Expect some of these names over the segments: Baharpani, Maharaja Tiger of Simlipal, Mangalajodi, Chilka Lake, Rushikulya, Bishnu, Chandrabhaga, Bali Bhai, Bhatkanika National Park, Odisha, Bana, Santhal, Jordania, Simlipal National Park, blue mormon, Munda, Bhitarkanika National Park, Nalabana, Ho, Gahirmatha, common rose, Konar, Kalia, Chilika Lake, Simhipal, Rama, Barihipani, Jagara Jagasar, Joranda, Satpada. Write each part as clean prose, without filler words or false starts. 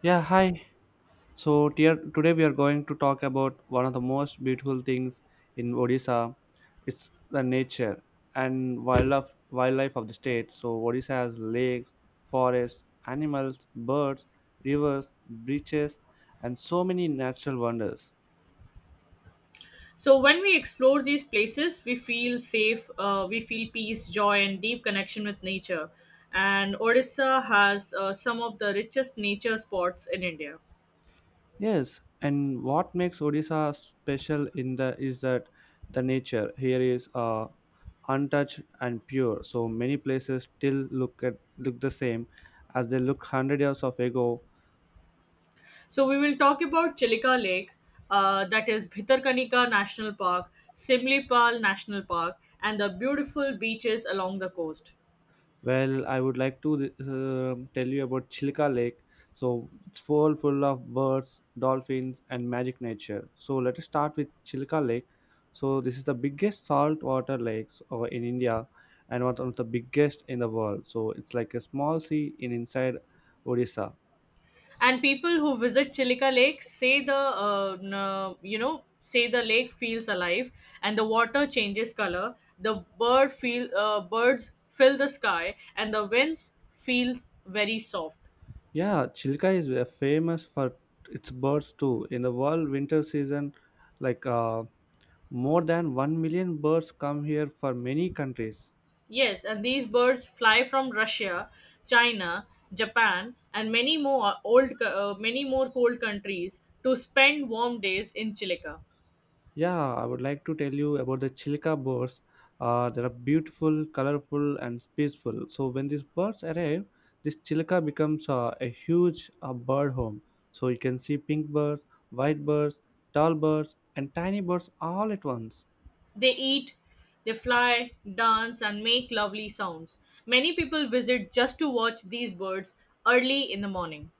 Yeah, hi. So, dear, today we are going to talk about one of the most beautiful things in Odisha. It's the nature and wildlife of the state. So, Odisha has lakes, forests, animals, birds, rivers, beaches, and so many natural wonders. So when we explore these places, we feel safe, we feel peace, joy, and deep connection with nature. And Odisha has some of the richest nature spots in India. Yes, and what makes Odisha special in the is that the nature here is untouched and pure. So many places still look the same as they looked hundred years of ago. So we will talk about Chilika Lake, that is Bhitarkanika National Park, Simlipal National Park, and the beautiful beaches along the coast. Well, I would like to tell you about Chilka Lake. So it's full of birds, dolphins, and magic nature. So let us start with Chilka Lake. So this is the biggest saltwater lake in India, and one of the biggest in the world. So it's like a small sea in inside Odisha. And people who visit Chilika Lake say the n- you know say the lake feels alive, and the water changes color. The bird feel birds fill the sky, and the winds feel very soft. Yeah, Chilka is famous for its birds too. In the world winter season, like uh, more than 1 million birds come here for many countries. Yes, and these birds fly from Russia, China, Japan, and many more cold countries to spend warm days in Chilika. Yeah, I would like to tell you about the Chilka birds. They are beautiful, colorful, and peaceful. So when these birds arrive, this Chilka becomes a huge bird home. So you can see pink birds, white birds, tall birds, and tiny birds all at once. They eat, they fly, dance, and make lovely sounds. Many people visit just to watch these birds early in the morning.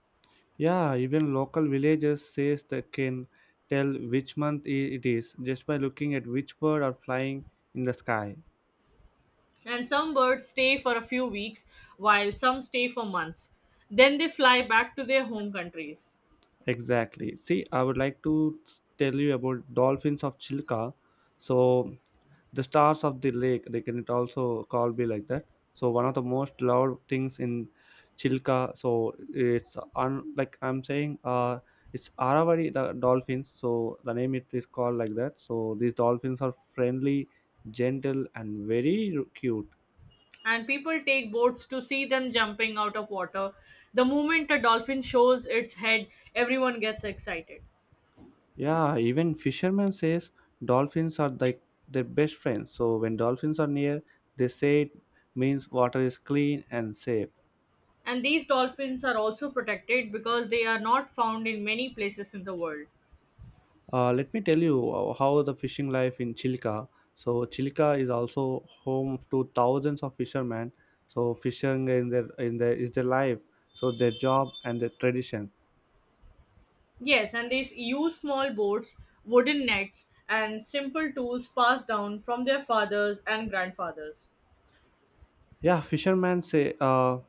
Yeah, even local villagers says they can tell which month it is just by looking at which bird are flying in the sky. And some birds stay for a few weeks, while some stay for months. Then they fly back to their home countries. Exactly. See, I would like to tell you about dolphins of Chilka. So the stars of the lake they can it also called be like that, so one of the most loved things in chilka, so it's like I'm saying, it's aravari the dolphins, so the name it is called like that. So these dolphins are friendly, gentle, and very cute. And people take boats to see them jumping out of water. The moment a dolphin shows its head, everyone gets excited. Yeah, even fishermen says dolphins are like their best friends, so when dolphins are near, they say it means water is clean and safe. And these dolphins are also protected because they are not found in many places in the world. Let me tell you how the fishing life in Chilka. So Chilka is also home to thousands of fishermen. So fishing in their is their life. So their job and their tradition. Yes, and they use small boats, wooden nets, and simple tools passed down from their fathers and grandfathers. Yeah, fishermen say.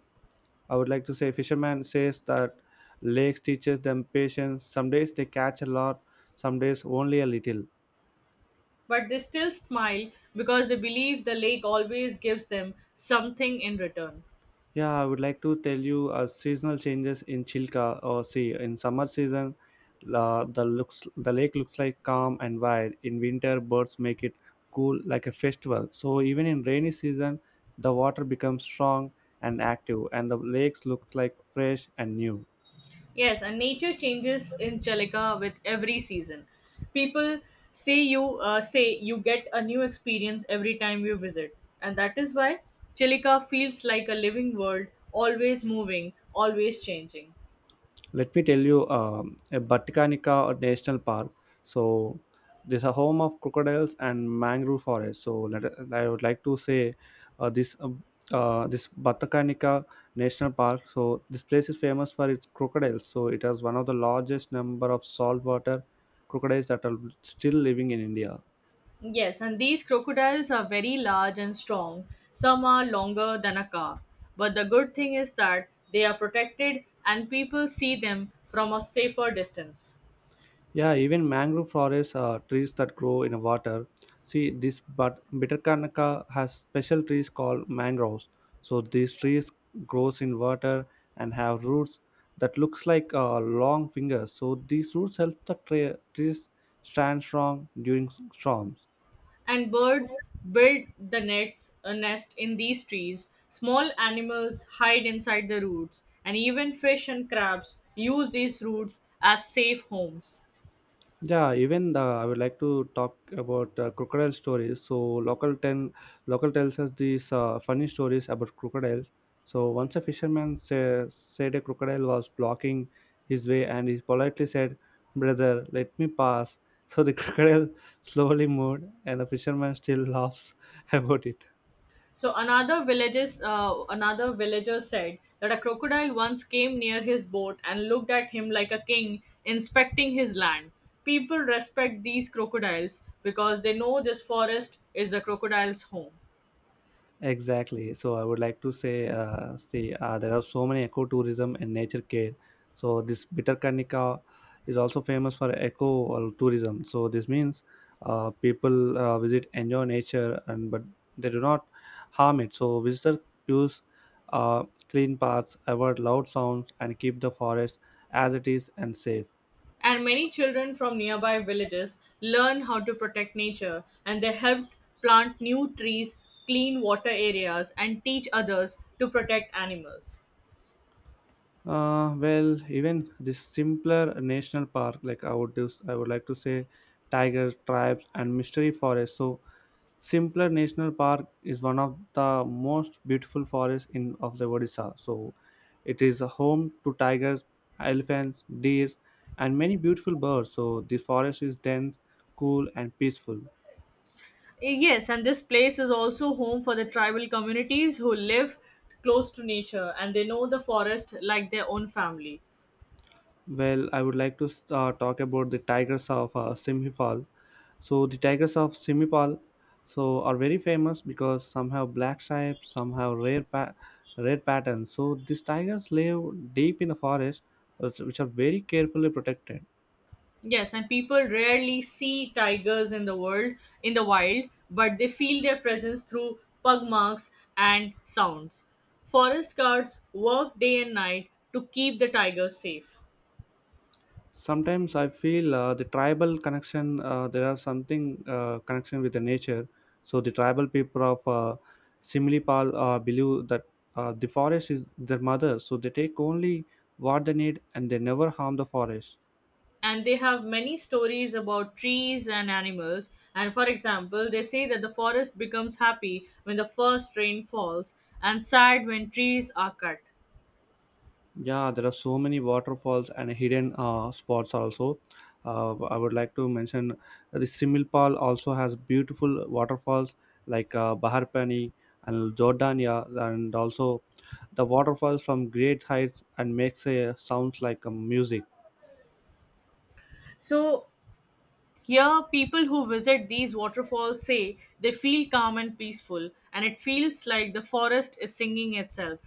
I would like to say fishermen says that lakes teaches them patience. Some days they catch a lot. Some days only a little. But they still smile because they believe the lake always gives them something in return. Yeah, I would like to tell you seasonal changes in Chilka. Or see, in summer season, la the looks the lake looks like calm and wide. In winter, birds make it cool like a festival. So even in rainy season, the water becomes strong and active, and the lakes looks like fresh and new. Yes, and nature changes in Chalika with every season. People say you get a new experience every time you visit, and that is why Chilika feels like a living world, always moving, always changing. Let me tell you a Bhatkanika National Park. So this is a home of crocodiles and mangrove forest. So let, I would like to say uh, this uh, this Bhatkanika National Park. So this place is famous for its crocodiles. So it has one of the largest number of saltwater crocodiles that are still living in India. Yes, and these crocodiles are very large and strong. Some are longer than a car. But the good thing is that they are protected and people see them from a safer distance. Yeah, even mangrove forests are trees that grow in water. See, this but Bitterkanaka has special trees called mangroves. So these trees grows in water and have roots that looks like long fingers. So these roots help the trees stand strong during storms. And birds build a nest in these trees. Small animals hide inside the roots, and even fish and crabs use these roots as safe homes. Yeah, even I would like to talk about crocodile stories. So local tells us these funny stories about crocodiles. So once a said a crocodile was blocking his way, and he politely said, "Brother, let me pass." So the crocodile slowly moved, and the fisherman still laughs about it. So another villager said that a crocodile once came near his boat and looked at him like a king inspecting his land. People respect these crocodiles because they know this forest is the crocodile's home. Exactly. So I would like to say, see, there are so many ecotourism and nature care. So this Bitterkanika is also famous for eco or tourism. So this means people visit, enjoy nature, and but they do not harm it. So visitors use clean paths, avoid loud sounds, and keep the forest as it is and safe. And many children from nearby villages learn how to protect nature and they helped plant new trees, clean water areas, and teach others to protect animals. Well, even the simpler national park, like I would do, I would like to say, tiger tribes and mystery forest. So, simpler national park is one of the most beautiful forests in of the Odisha. So, it is a home to tigers, elephants, deers, and many beautiful birds. So, the forest is dense, cool, and peaceful. Yes, and this place is also home for the tribal communities who live close to nature and they know the forest like their own family. Well, I would like to talk about the tigers of Simhipal. So the tigers of Simhipal, so are very famous because some have black stripes, some have rare red patterns. So these tigers live deep in the forest, which are very carefully protected. Yes, and people rarely see tigers in the wild, but they feel their presence through pug marks and sounds. Forest guards work day and night to keep the tigers safe. Sometimes I feel, the tribal connection, there are something connection with the nature. So the tribal people of similipal believe that the forest is their mother, so they take only what they need and they never harm the forest. And they have many stories about trees and animals, and for example they say that the forest becomes happy when the first rain falls and sad when trees are cut. Yeah, there are so many waterfalls and hidden spots also. I would like to mention the Similpal also has beautiful waterfalls like Baharpani and Jordania, and also the waterfalls from great heights and makes a sounds like a music. So here people who visit these waterfalls say they feel calm and peaceful, and it feels like the forest is singing itself.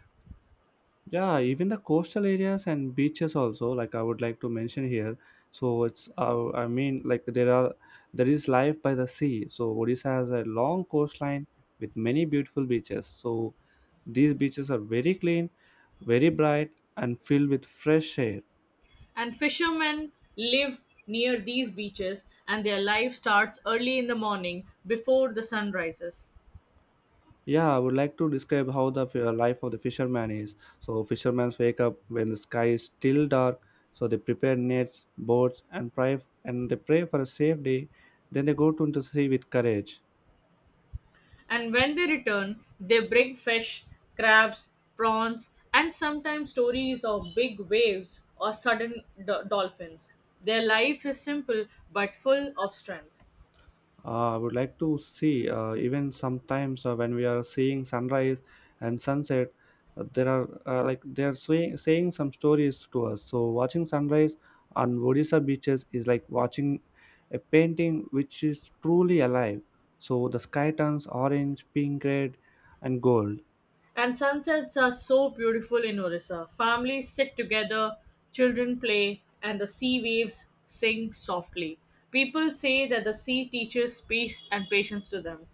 Yeah, even the coastal areas and beaches also, like I would like to mention here. So it's, I mean, there is life by the sea. So Odisha has a long coastline with many beautiful beaches. So these beaches are very clean, very bright, and filled with fresh air. And fishermen live near these beaches and their life starts early in the morning before the sun rises. Yeah, I would like to describe how the life of the fisherman is. So, fishermen wake up when the sky is still dark. So, they prepare nets, boats, and pray, and they pray for a safe day. Then they go to the sea with courage. And when they return, they bring fish, crabs, prawns, and sometimes stories of big waves or sudden dolphins. Their life is simple but full of strength. I would like to see even sometimes when we are seeing sunrise and sunset, there are like they are saying some stories to us. So watching sunrise on Odisha beaches is like watching a painting which is truly alive. So the sky turns orange, pink, red, and gold. And sunsets are so beautiful in Orissa. Families sit together, children play, and the sea waves sing softly. People say that the sea teaches peace and patience to them.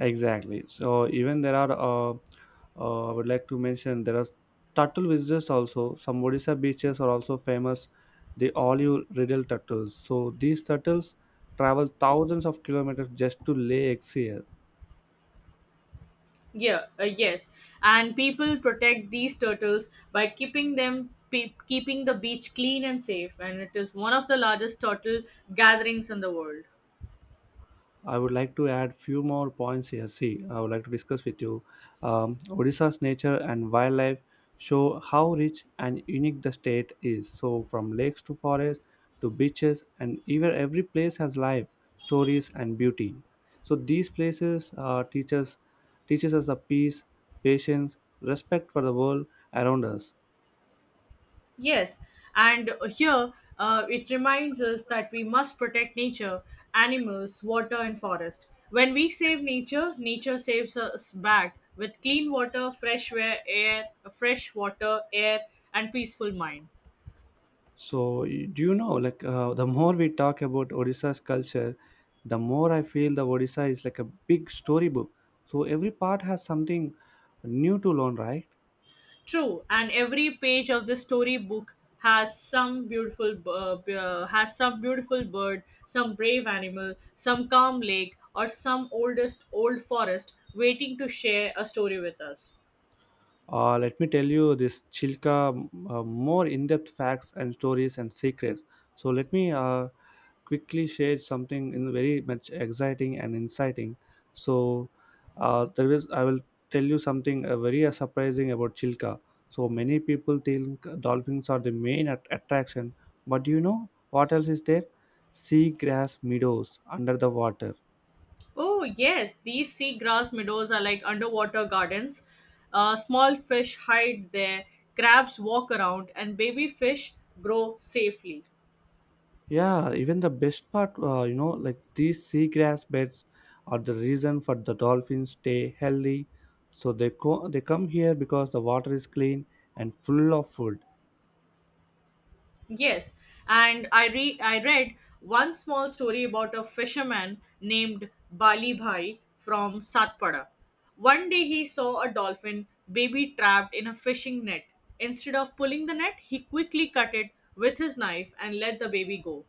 Exactly. So even there are, I would like to mention there are turtle visitors also. Some Odisha beaches are also famous. They all you riddle turtles. So these turtles travel thousands of kilometers just to lay eggs here. Yeah, yes. And people protect these turtles by keeping the beach clean and safe, and it is one of the largest turtle gatherings in the world. I would like to add few more points here. See, I would like to discuss with you. Odisha's nature and wildlife show how rich and unique the state is. So, from lakes to forests to beaches, and even every place has life, stories, and beauty. So, these places teaches us the peace, patience, respect for the world around us. Yes. And here it reminds us that we must protect nature, animals, water and forest. When we save nature, nature saves us back with clean water, fresh air, fresh water, air and peaceful mind. So, do you know, like, the more we talk about Odisha's culture, the more I feel the Odisha is like a big storybook. So, every part has something new to learn, right? True, and every page of the storybook has some beautiful b- b- has some beautiful bird, some brave animal, some calm lake, or some oldest old forest waiting to share a story with us. Let me tell you this Chilka more in depth facts and stories and secrets. So, let me quickly shared something in very much exciting and inciting. So there is I will tell you something very surprising about Chilka. So many people think dolphins are the main attraction, but do you know what else is there? Seagrass meadows under the water. Oh yes, these sea grass meadows are like underwater gardens. Small fish hide there, crabs walk around, and baby fish grow safely. Yeah, even the best part, like these seagrass beds are the reason for the dolphins stay healthy. So they they come here because the water is clean and full of food. Yes, and I read one small story about a fisherman named Bali Bhai from Satpada. One day he saw a dolphin baby trapped in a fishing net. Instead of pulling the net, he quickly cut it with his knife and let the baby go.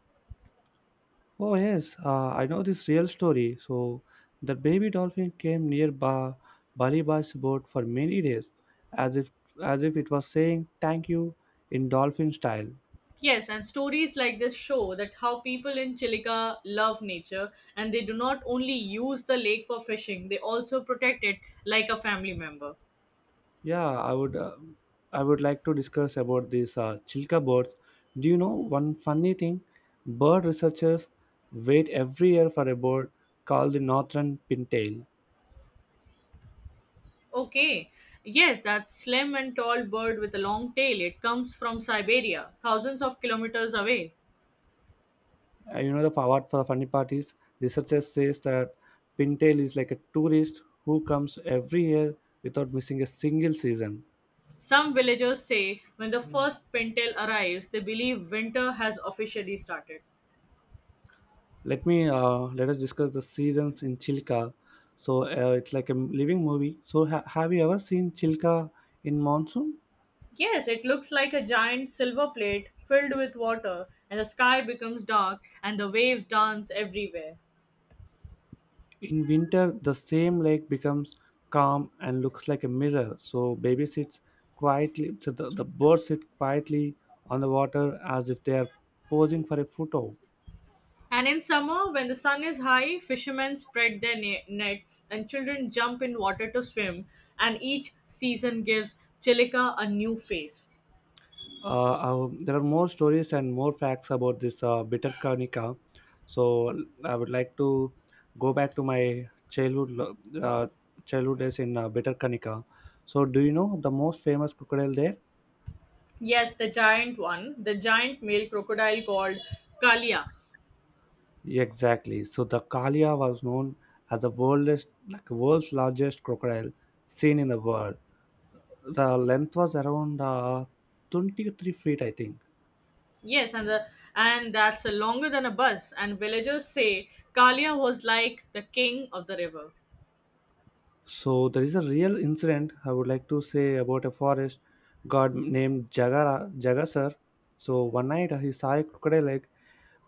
Oh yes, I know this real story. So the baby dolphin came near Baliba's boat for many days, as if as if it was saying thank you in dolphin style. Yes, and stories like this show that how people in Chilika love nature and they do not only use the lake for fishing, they also protect it like a family member. Yeah, I would like to discuss about these chilka birds. Do you know one funny thing? Bird researchers wait every year for a bird called the northern pintail. Okay. Yes, that slim and tall bird with a long tail. It comes from Siberia, thousands of kilometers away. You know the fa- what for the funny part is researchers says that pintail is like a tourist who comes every year without missing a single season. Some villagers say when the first pintail arrives, they believe winter has officially started. Let us discuss the seasons in Chilka. So it's like a living movie. So have you ever seen Chilka in monsoon? Yes, it looks like a giant silver plate filled with water, and the sky becomes dark and the waves dance everywhere. In winter, the same lake becomes calm and looks like a mirror. So baby sits quietly. So the birds sit quietly on the water as if they are posing for a photo. And in summer, when the sun is high, fishermen spread their nets and children jump in water to swim, and each season gives Chilika a new face. There are more stories and more facts about this bitter kanika. So I would like to go back to my childhood days in bitter kanika. So do you know the most famous crocodile there? Yes, the giant one, the giant male crocodile called Kalia. Exactly. So the Kalia was known as the world's like world's largest crocodile seen in the world. The length was around 23 feet, I think. Yes, and that's longer than a bus. And villagers say Kalia was like the king of the river. So there is a real incident I would like to say about a forest god named Jagara Jagasar. So one night he saw a crocodile egg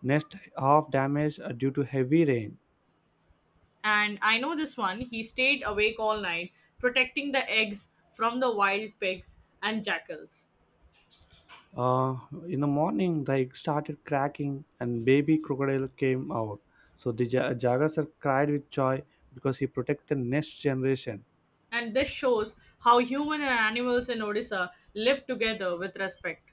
nest half damaged due to heavy rain. And I know this one. He stayed awake all night, protecting the eggs from the wild pigs and jackals. Uh, in the morning, the egg started cracking and baby crocodile came out. So the Jagasar cried with joy because he protected the next generation. And this shows how human and animals in Odisha live together with respect.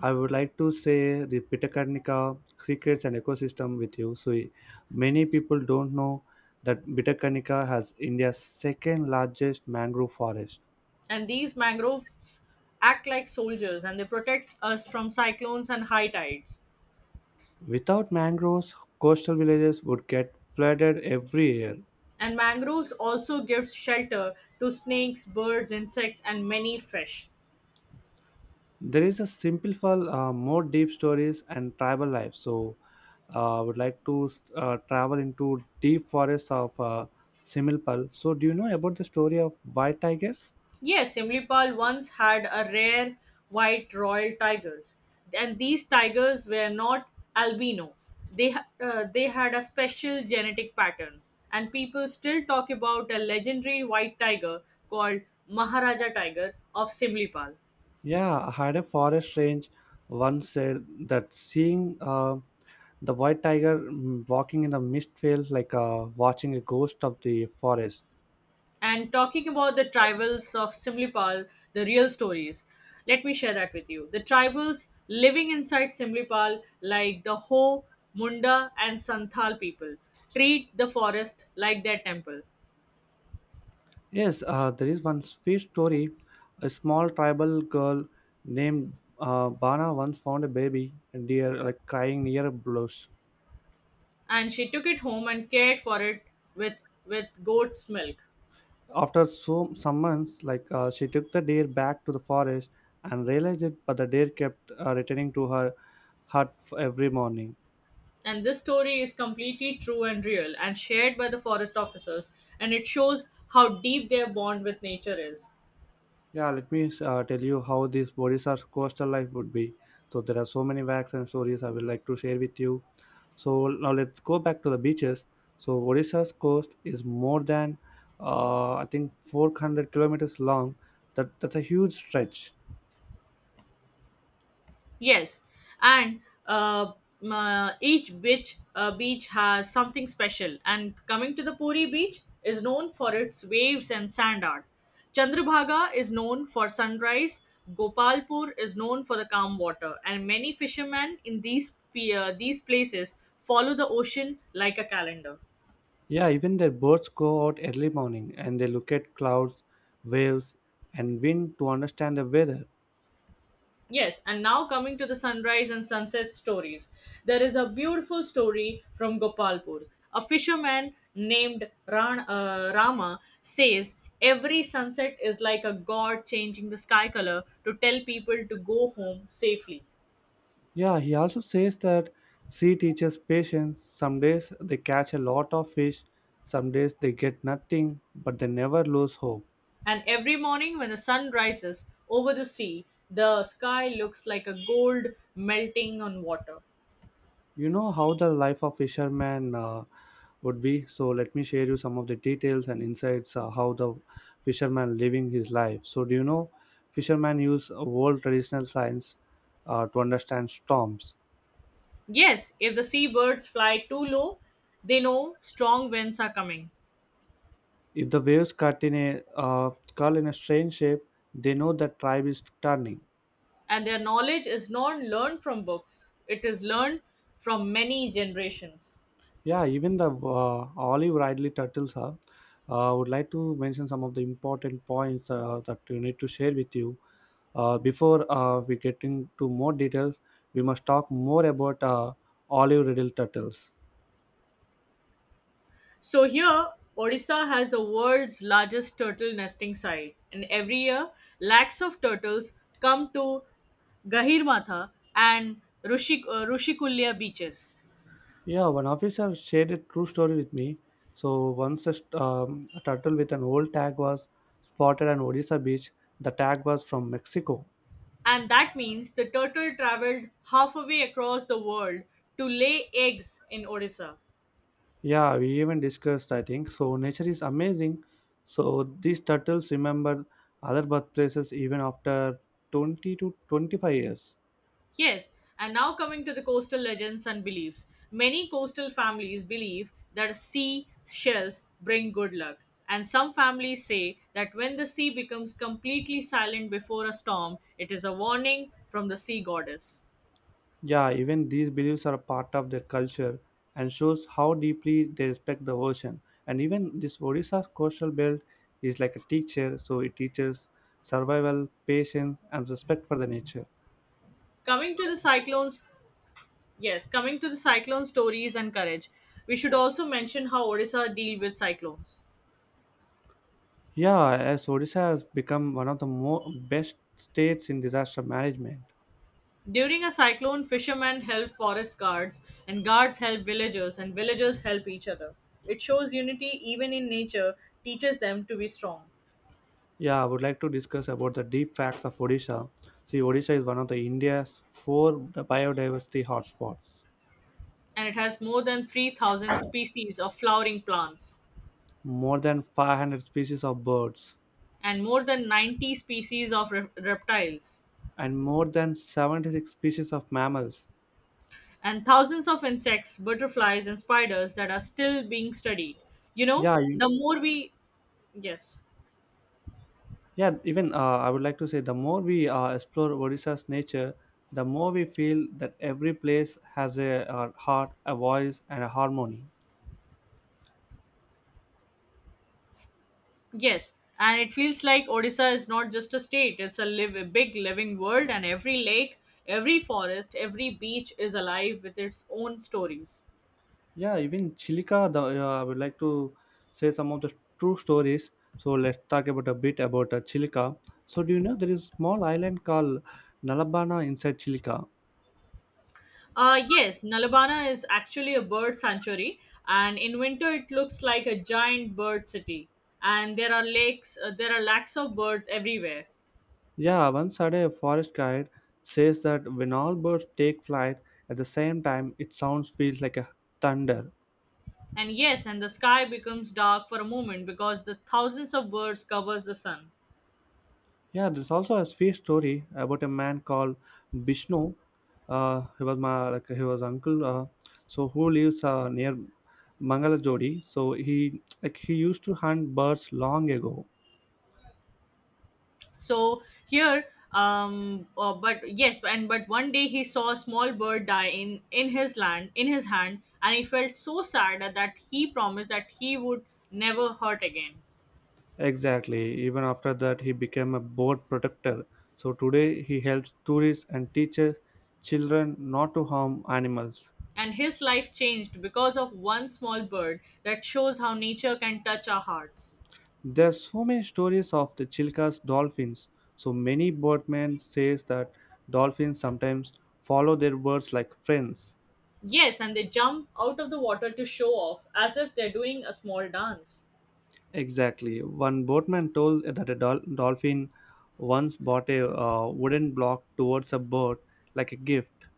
I would like to say the Bitakarnika secrets and ecosystem with you. So many people don't know that Bitakarnika has India's second largest mangrove forest. And these mangroves act like soldiers and they protect us from cyclones and high tides. Without mangroves, coastal villages would get flooded every year. And mangroves also gives shelter to snakes, birds, insects, and many fish. There is a simple for more deep stories and tribal life. So I would like to travel into deep forests of Similpal. So do you know about the story of white tigers? Yes, Simlipal once had a rare white royal tigers, and these tigers were not albino. They had a special genetic pattern, and people still talk about a legendary white tiger called Maharaja Tiger of Simlipal. Yeah, I had a forest range once said that seeing the white tiger walking in the mist felt like watching a ghost of the forest. And talking about the tribals of Simlipal, the real stories, let me share that with you. The tribals living inside Simlipal, like the Ho, Munda, and Santhal people, treat the forest like their temple. Yes, there is one sweet story. A small tribal girl named Bana once found a baby deer like crying near a bush. And she took it home and cared for it with goat's milk. After so some months, like she took the deer back to the forest and realized it, but the deer kept returning to her hut every morning. And this story is completely true and real and shared by the forest officers, and it shows how deep their bond with nature is. Yeah, let me tell you how this Bodhisattva's coastal life would be. So there are so many facts and stories I would like to share with you. So now let's go back to the beaches. So Odisha's coast is more than I think 400 kilometers long. That's a huge stretch. Yes, and uh, each beach has something special. And coming to the Puri beach is known for its waves and sand art. Chandrabhaga is known for sunrise. Gopalpur is known for the calm water, and many fishermen in these places follow the ocean like a calendar. Yeah, even their birds go out early morning and they look at clouds, waves, and wind to understand the weather. Yes, and now coming to the sunrise and sunset stories. There is a beautiful story from Gopalpur. A fisherman named Rama says every sunset is like a god changing the sky color to tell people to go home safely. Yeah, he also says that sea teaches patience. Some days they catch a lot of fish, some days they get nothing, but they never lose hope. And every morning when the sun rises over the sea, the sky looks like a gold melting on water. You know how the life of fisherman would be. So let me share you some of the details and insights how the fisherman living his life. So do you know fishermen use world traditional science to understand storms? Yes, if the seabirds fly too low, they know strong winds are coming. If the waves cut in a curl in a strange shape, they know that tribe is turning. And their knowledge is not learned from books, it is learned from many generations. Yeah, even the olive ridley turtles are. I would like to mention some of the important points that we need to share with you. Before we get into more details, we must talk more about olive ridley turtles. So here Odisha has the world's largest turtle nesting site and every year lakhs of turtles come to Gahirmatha and Rushikulya beaches. Yeah, one officer shared a true story with me. So once a turtle with an old tag was spotted on Odisha beach. The tag was from Mexico. And that means the turtle traveled halfway across the world to lay eggs in Odisha. Yeah, we even discussed, I think. So, nature is amazing. So, these turtles remember other birthplaces even after 20 to 25 years. Yes, and now coming to the coastal legends and beliefs. Many coastal families believe that sea shells bring good luck, and some families say that when the sea becomes completely silent before a storm, it is a warning from the sea goddess. Yeah, even these beliefs are a part of their culture and shows how deeply they respect the ocean. And even this Odisha coastal belt is like a teacher, so it teaches survival, patience, and respect for the nature. Coming to the cyclones, yes, coming to the cyclone stories and courage, we should also mention how Odisha deal with cyclones. Yeah, as Odisha has become one of the more best states in disaster management. During a cyclone, fishermen help forest guards, and guards help villagers, and villagers help each other. It shows unity even in nature, teaches them to be strong. Yeah, I would like to discuss about the deep facts of Odisha. See, Odisha is one of the India's four biodiversity hotspots. And it has more than 3,000 species of flowering plants, More than 500 species of birds and more than 90 species of reptiles, and more than 76 species of mammals. and thousands of insects, butterflies, and spiders that are still being studied. You know, Yeah, the more we. Yes. yeah. Even I would like to say the more we explore Odisha's nature, the more we feel that every place has a, heart, a voice, and a harmony. Yes, and it feels like Odisha is not just a state, it's a, live, a big living world, and every lake, every forest, every beach is alive with its own stories. Yeah, even Chilika, I would like to say some of the true stories. So let's talk about a bit about Chilika. So do you know there is a small island called Nalabana inside Chilika? Yes, Nalabana is actually a bird sanctuary, and in winter it looks like a giant bird city. And there are lakes, there are lakhs of birds everywhere. Yeah, once had a forest guide says that when all birds take flight at the same time, it sounds feels like a thunder. And yes, and the sky becomes dark for a moment because the thousands of birds covers the sun. Yeah, there's also a space story about a man called Bishnu. He was my like he was uncle. So who lives near Mangalajodi? So he like he used to hunt birds long ago. So here, but yes, and but one day he saw a small bird die in his hand, and he felt so sad that he promised that he would never hurt again. Exactly. Even after that, he became a bird protector. So today he helps tourists and teaches children not to harm animals. And his life changed because of one small bird that shows how nature can touch our hearts. There's so many stories of the Chilkas dolphins. So many boatmen says that dolphins sometimes follow their birds like friends. Yes, and they jump out of the water to show off as if they're doing a small dance. Exactly. One boatman told that a dolphin once bought a wooden block towards a bird like a gift.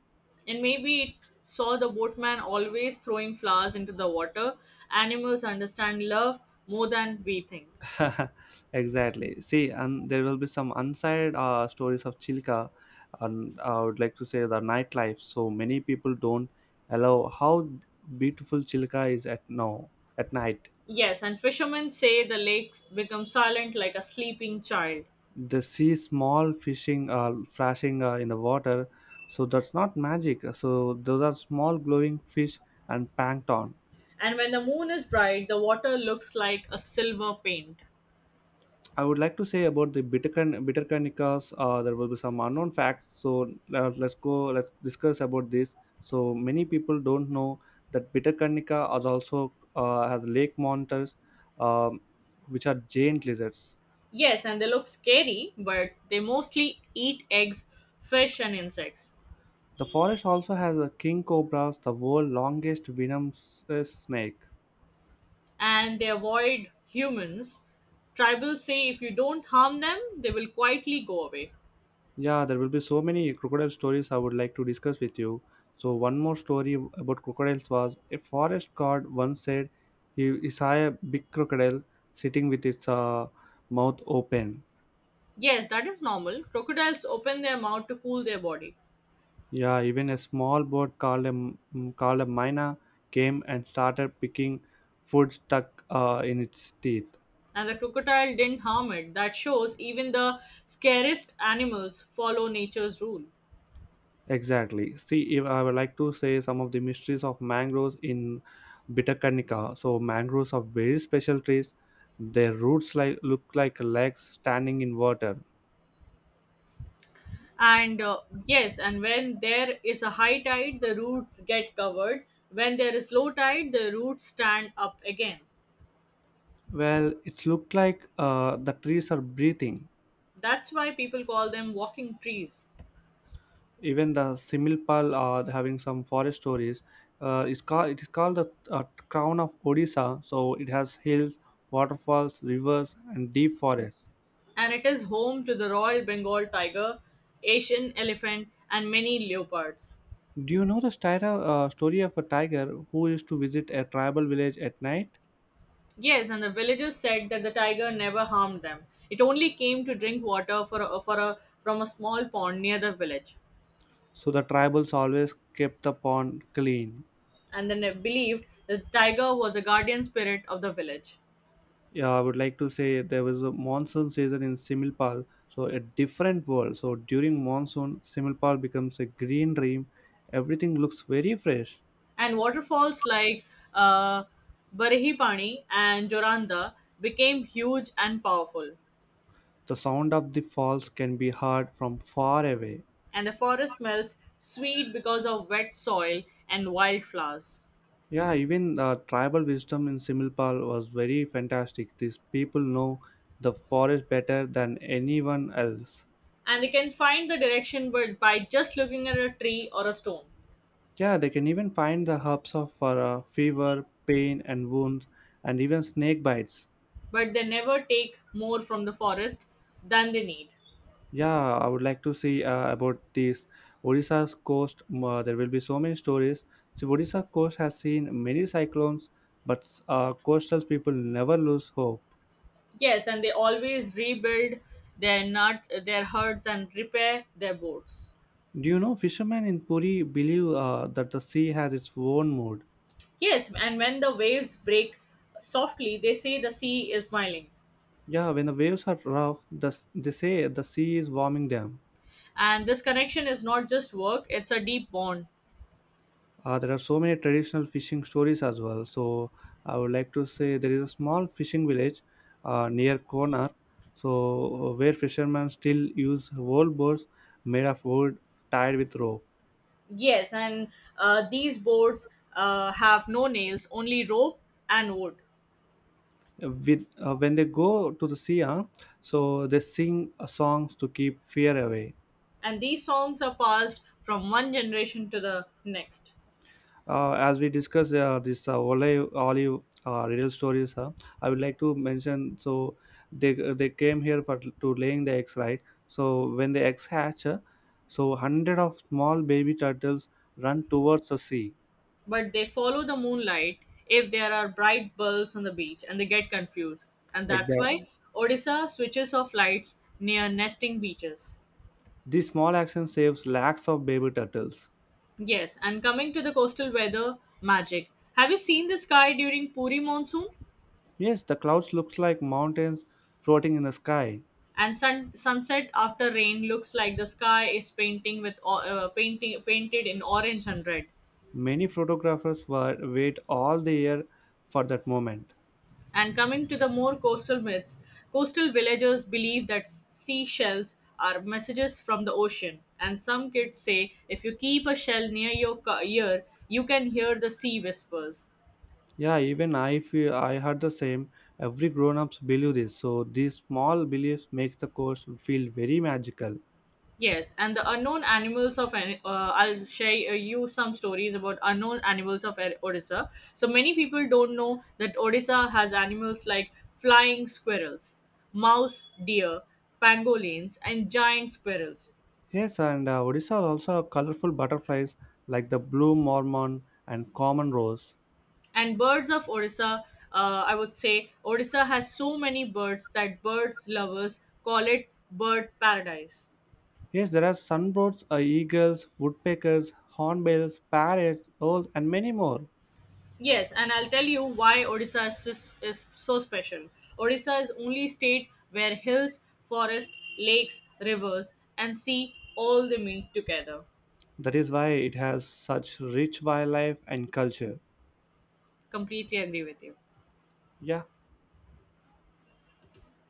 And maybe it saw the boatman always throwing flowers into the water. Animals understand love more than we think. Exactly. See, and there will be some unsaid stories of Chilka, and I would like to say the nightlife. So many people don't allow how beautiful Chilka is at now at night. Yes, and fishermen say the lakes become silent like a sleeping child. They see small fishing flashing in the water, so that's not magic. So those are small glowing fish and plankton. And when the moon is bright, the water looks like a silver paint. I would like to say about the bittercanicas. There will be some unknown facts. So let's go, let's discuss about this. So many people don't know that bittercanica are also has lake monsters, um, which are giant lizards. Yes, and they look scary, but they mostly eat eggs, fish, and insects. The forest also has a king cobras, the world's longest venomous snake. And they avoid humans. Tribals say if you don't harm them, they will quietly go away. Yeah, there will be so many crocodile stories I would like to discuss with you. So one more story about crocodiles was a forest guard once said he saw a big crocodile sitting with its mouth open. Yes, that is normal. Crocodiles open their mouth to cool their body, Yeah, even a small bird called a called a mina came and started picking food stuck in its teeth. and the crocodile didn't harm it. That shows even the scariest animals follow nature's rule. Exactly. See, if I would like to say some of the mysteries of mangroves in Bitakarnika. So, mangroves are very special trees. Their roots like look like legs standing in water. And yes, and when there is a high tide, the roots get covered. When there is low tide, the roots stand up again. Well, it's looked like the trees are breathing. That's why people call them walking trees. Even the similpal are having some forest stories. It's called it is called the crown of Odisha. So it has hills, waterfalls, rivers, and deep forests. And it is home to the Royal Bengal tiger, Asian elephant, and many leopards. Do you know the story of a tiger who used to visit a tribal village at night? Yes, and the villagers said that the tiger never harmed them. It only came to drink water from a small pond near the village, So the tribals always kept the pond clean. and then they believed that the tiger was a guardian spirit of the village. Yeah, I would like to say there was a monsoon season in Similpal, so a different world. So during monsoon, Similpal becomes a green dream. Everything looks very fresh. And waterfalls like uh, Barihipani and Joranda became huge and powerful, The sound of the falls can be heard from far away. and the forest smells sweet because of wet soil and wildflowers. Yeah, even tribal wisdom in Similpal was very fantastic. These people know the forest better than anyone else. And they can find the direction by just looking at a tree or a stone. Yeah, they can even find the herbs of for fever, pain, and wounds, and even snake bites. But they never take more from the forest than they need. Yeah, I would like to see about this Odisha's coast. There will be so many stories. So Odisha coast has seen many cyclones, but coastal people never lose hope. Yes, and they always rebuild their nut, their herds, and repair their boats. Do you know fishermen in Puri believe that the sea has its own mood? Yes, and when the waves break softly, they say the sea is smiling. Yeah, when the waves are rough, they say the sea is warming them. And this connection is not just work; it's a deep bond. There are so many traditional fishing stories as well. So I would like to say there is a small fishing village near Konar, so where fishermen still use old boats made of wood tied with rope. Yes, and these boards have no nails, only rope and wood. With when they go to the sea, so they sing songs to keep fear away. And these songs are passed from one generation to the next. As we discuss this olive real stories, I would like to mention. So they came here for to laying the eggs right. So when the eggs hatch, so hundred of small baby turtles run towards the sea. But they follow the moonlight if there are bright bulbs on the beach and they get confused. And that's why Exactly, Odisha switches off lights near nesting beaches. this small action saves lakhs of baby turtles. Yes, and coming to the coastal weather magic. Have you seen the sky during Puri monsoon? Yes, the clouds looks like mountains floating in the sky. And sunset after rain looks like the sky is painting with o- painting painted in orange and red. Many photographers were wait all the year for that moment. And coming to the more coastal myths, coastal villagers believe that seashells are messages from the ocean. And some kids say if you keep a shell near your ear, you can hear the sea whispers. Yeah, even I feel I heard the same. Every grown ups believe this, so these small beliefs make the course feel very magical. Yes, and the unknown animals of I'll share you some stories about unknown animals of Odisha. So many people don't know that Odisha has animals like flying squirrels, mouse deer, pangolins, and giant squirrels. Yes, and Odisha also have colorful butterflies like the blue mormon and common rose. And birds of Orissa, I would say Orissa has so many birds that birds lovers call it bird paradise. Yes, there are sunbirds, eagles, woodpeckers, hornbills, parrots, owls, and many more. Yes, and I'll tell you why Odisha is so special. Odisha is only state where hills, forest, lakes, rivers, and sea all they meet together. That is why it has such rich wildlife and culture. Completely agree with you. Yeah.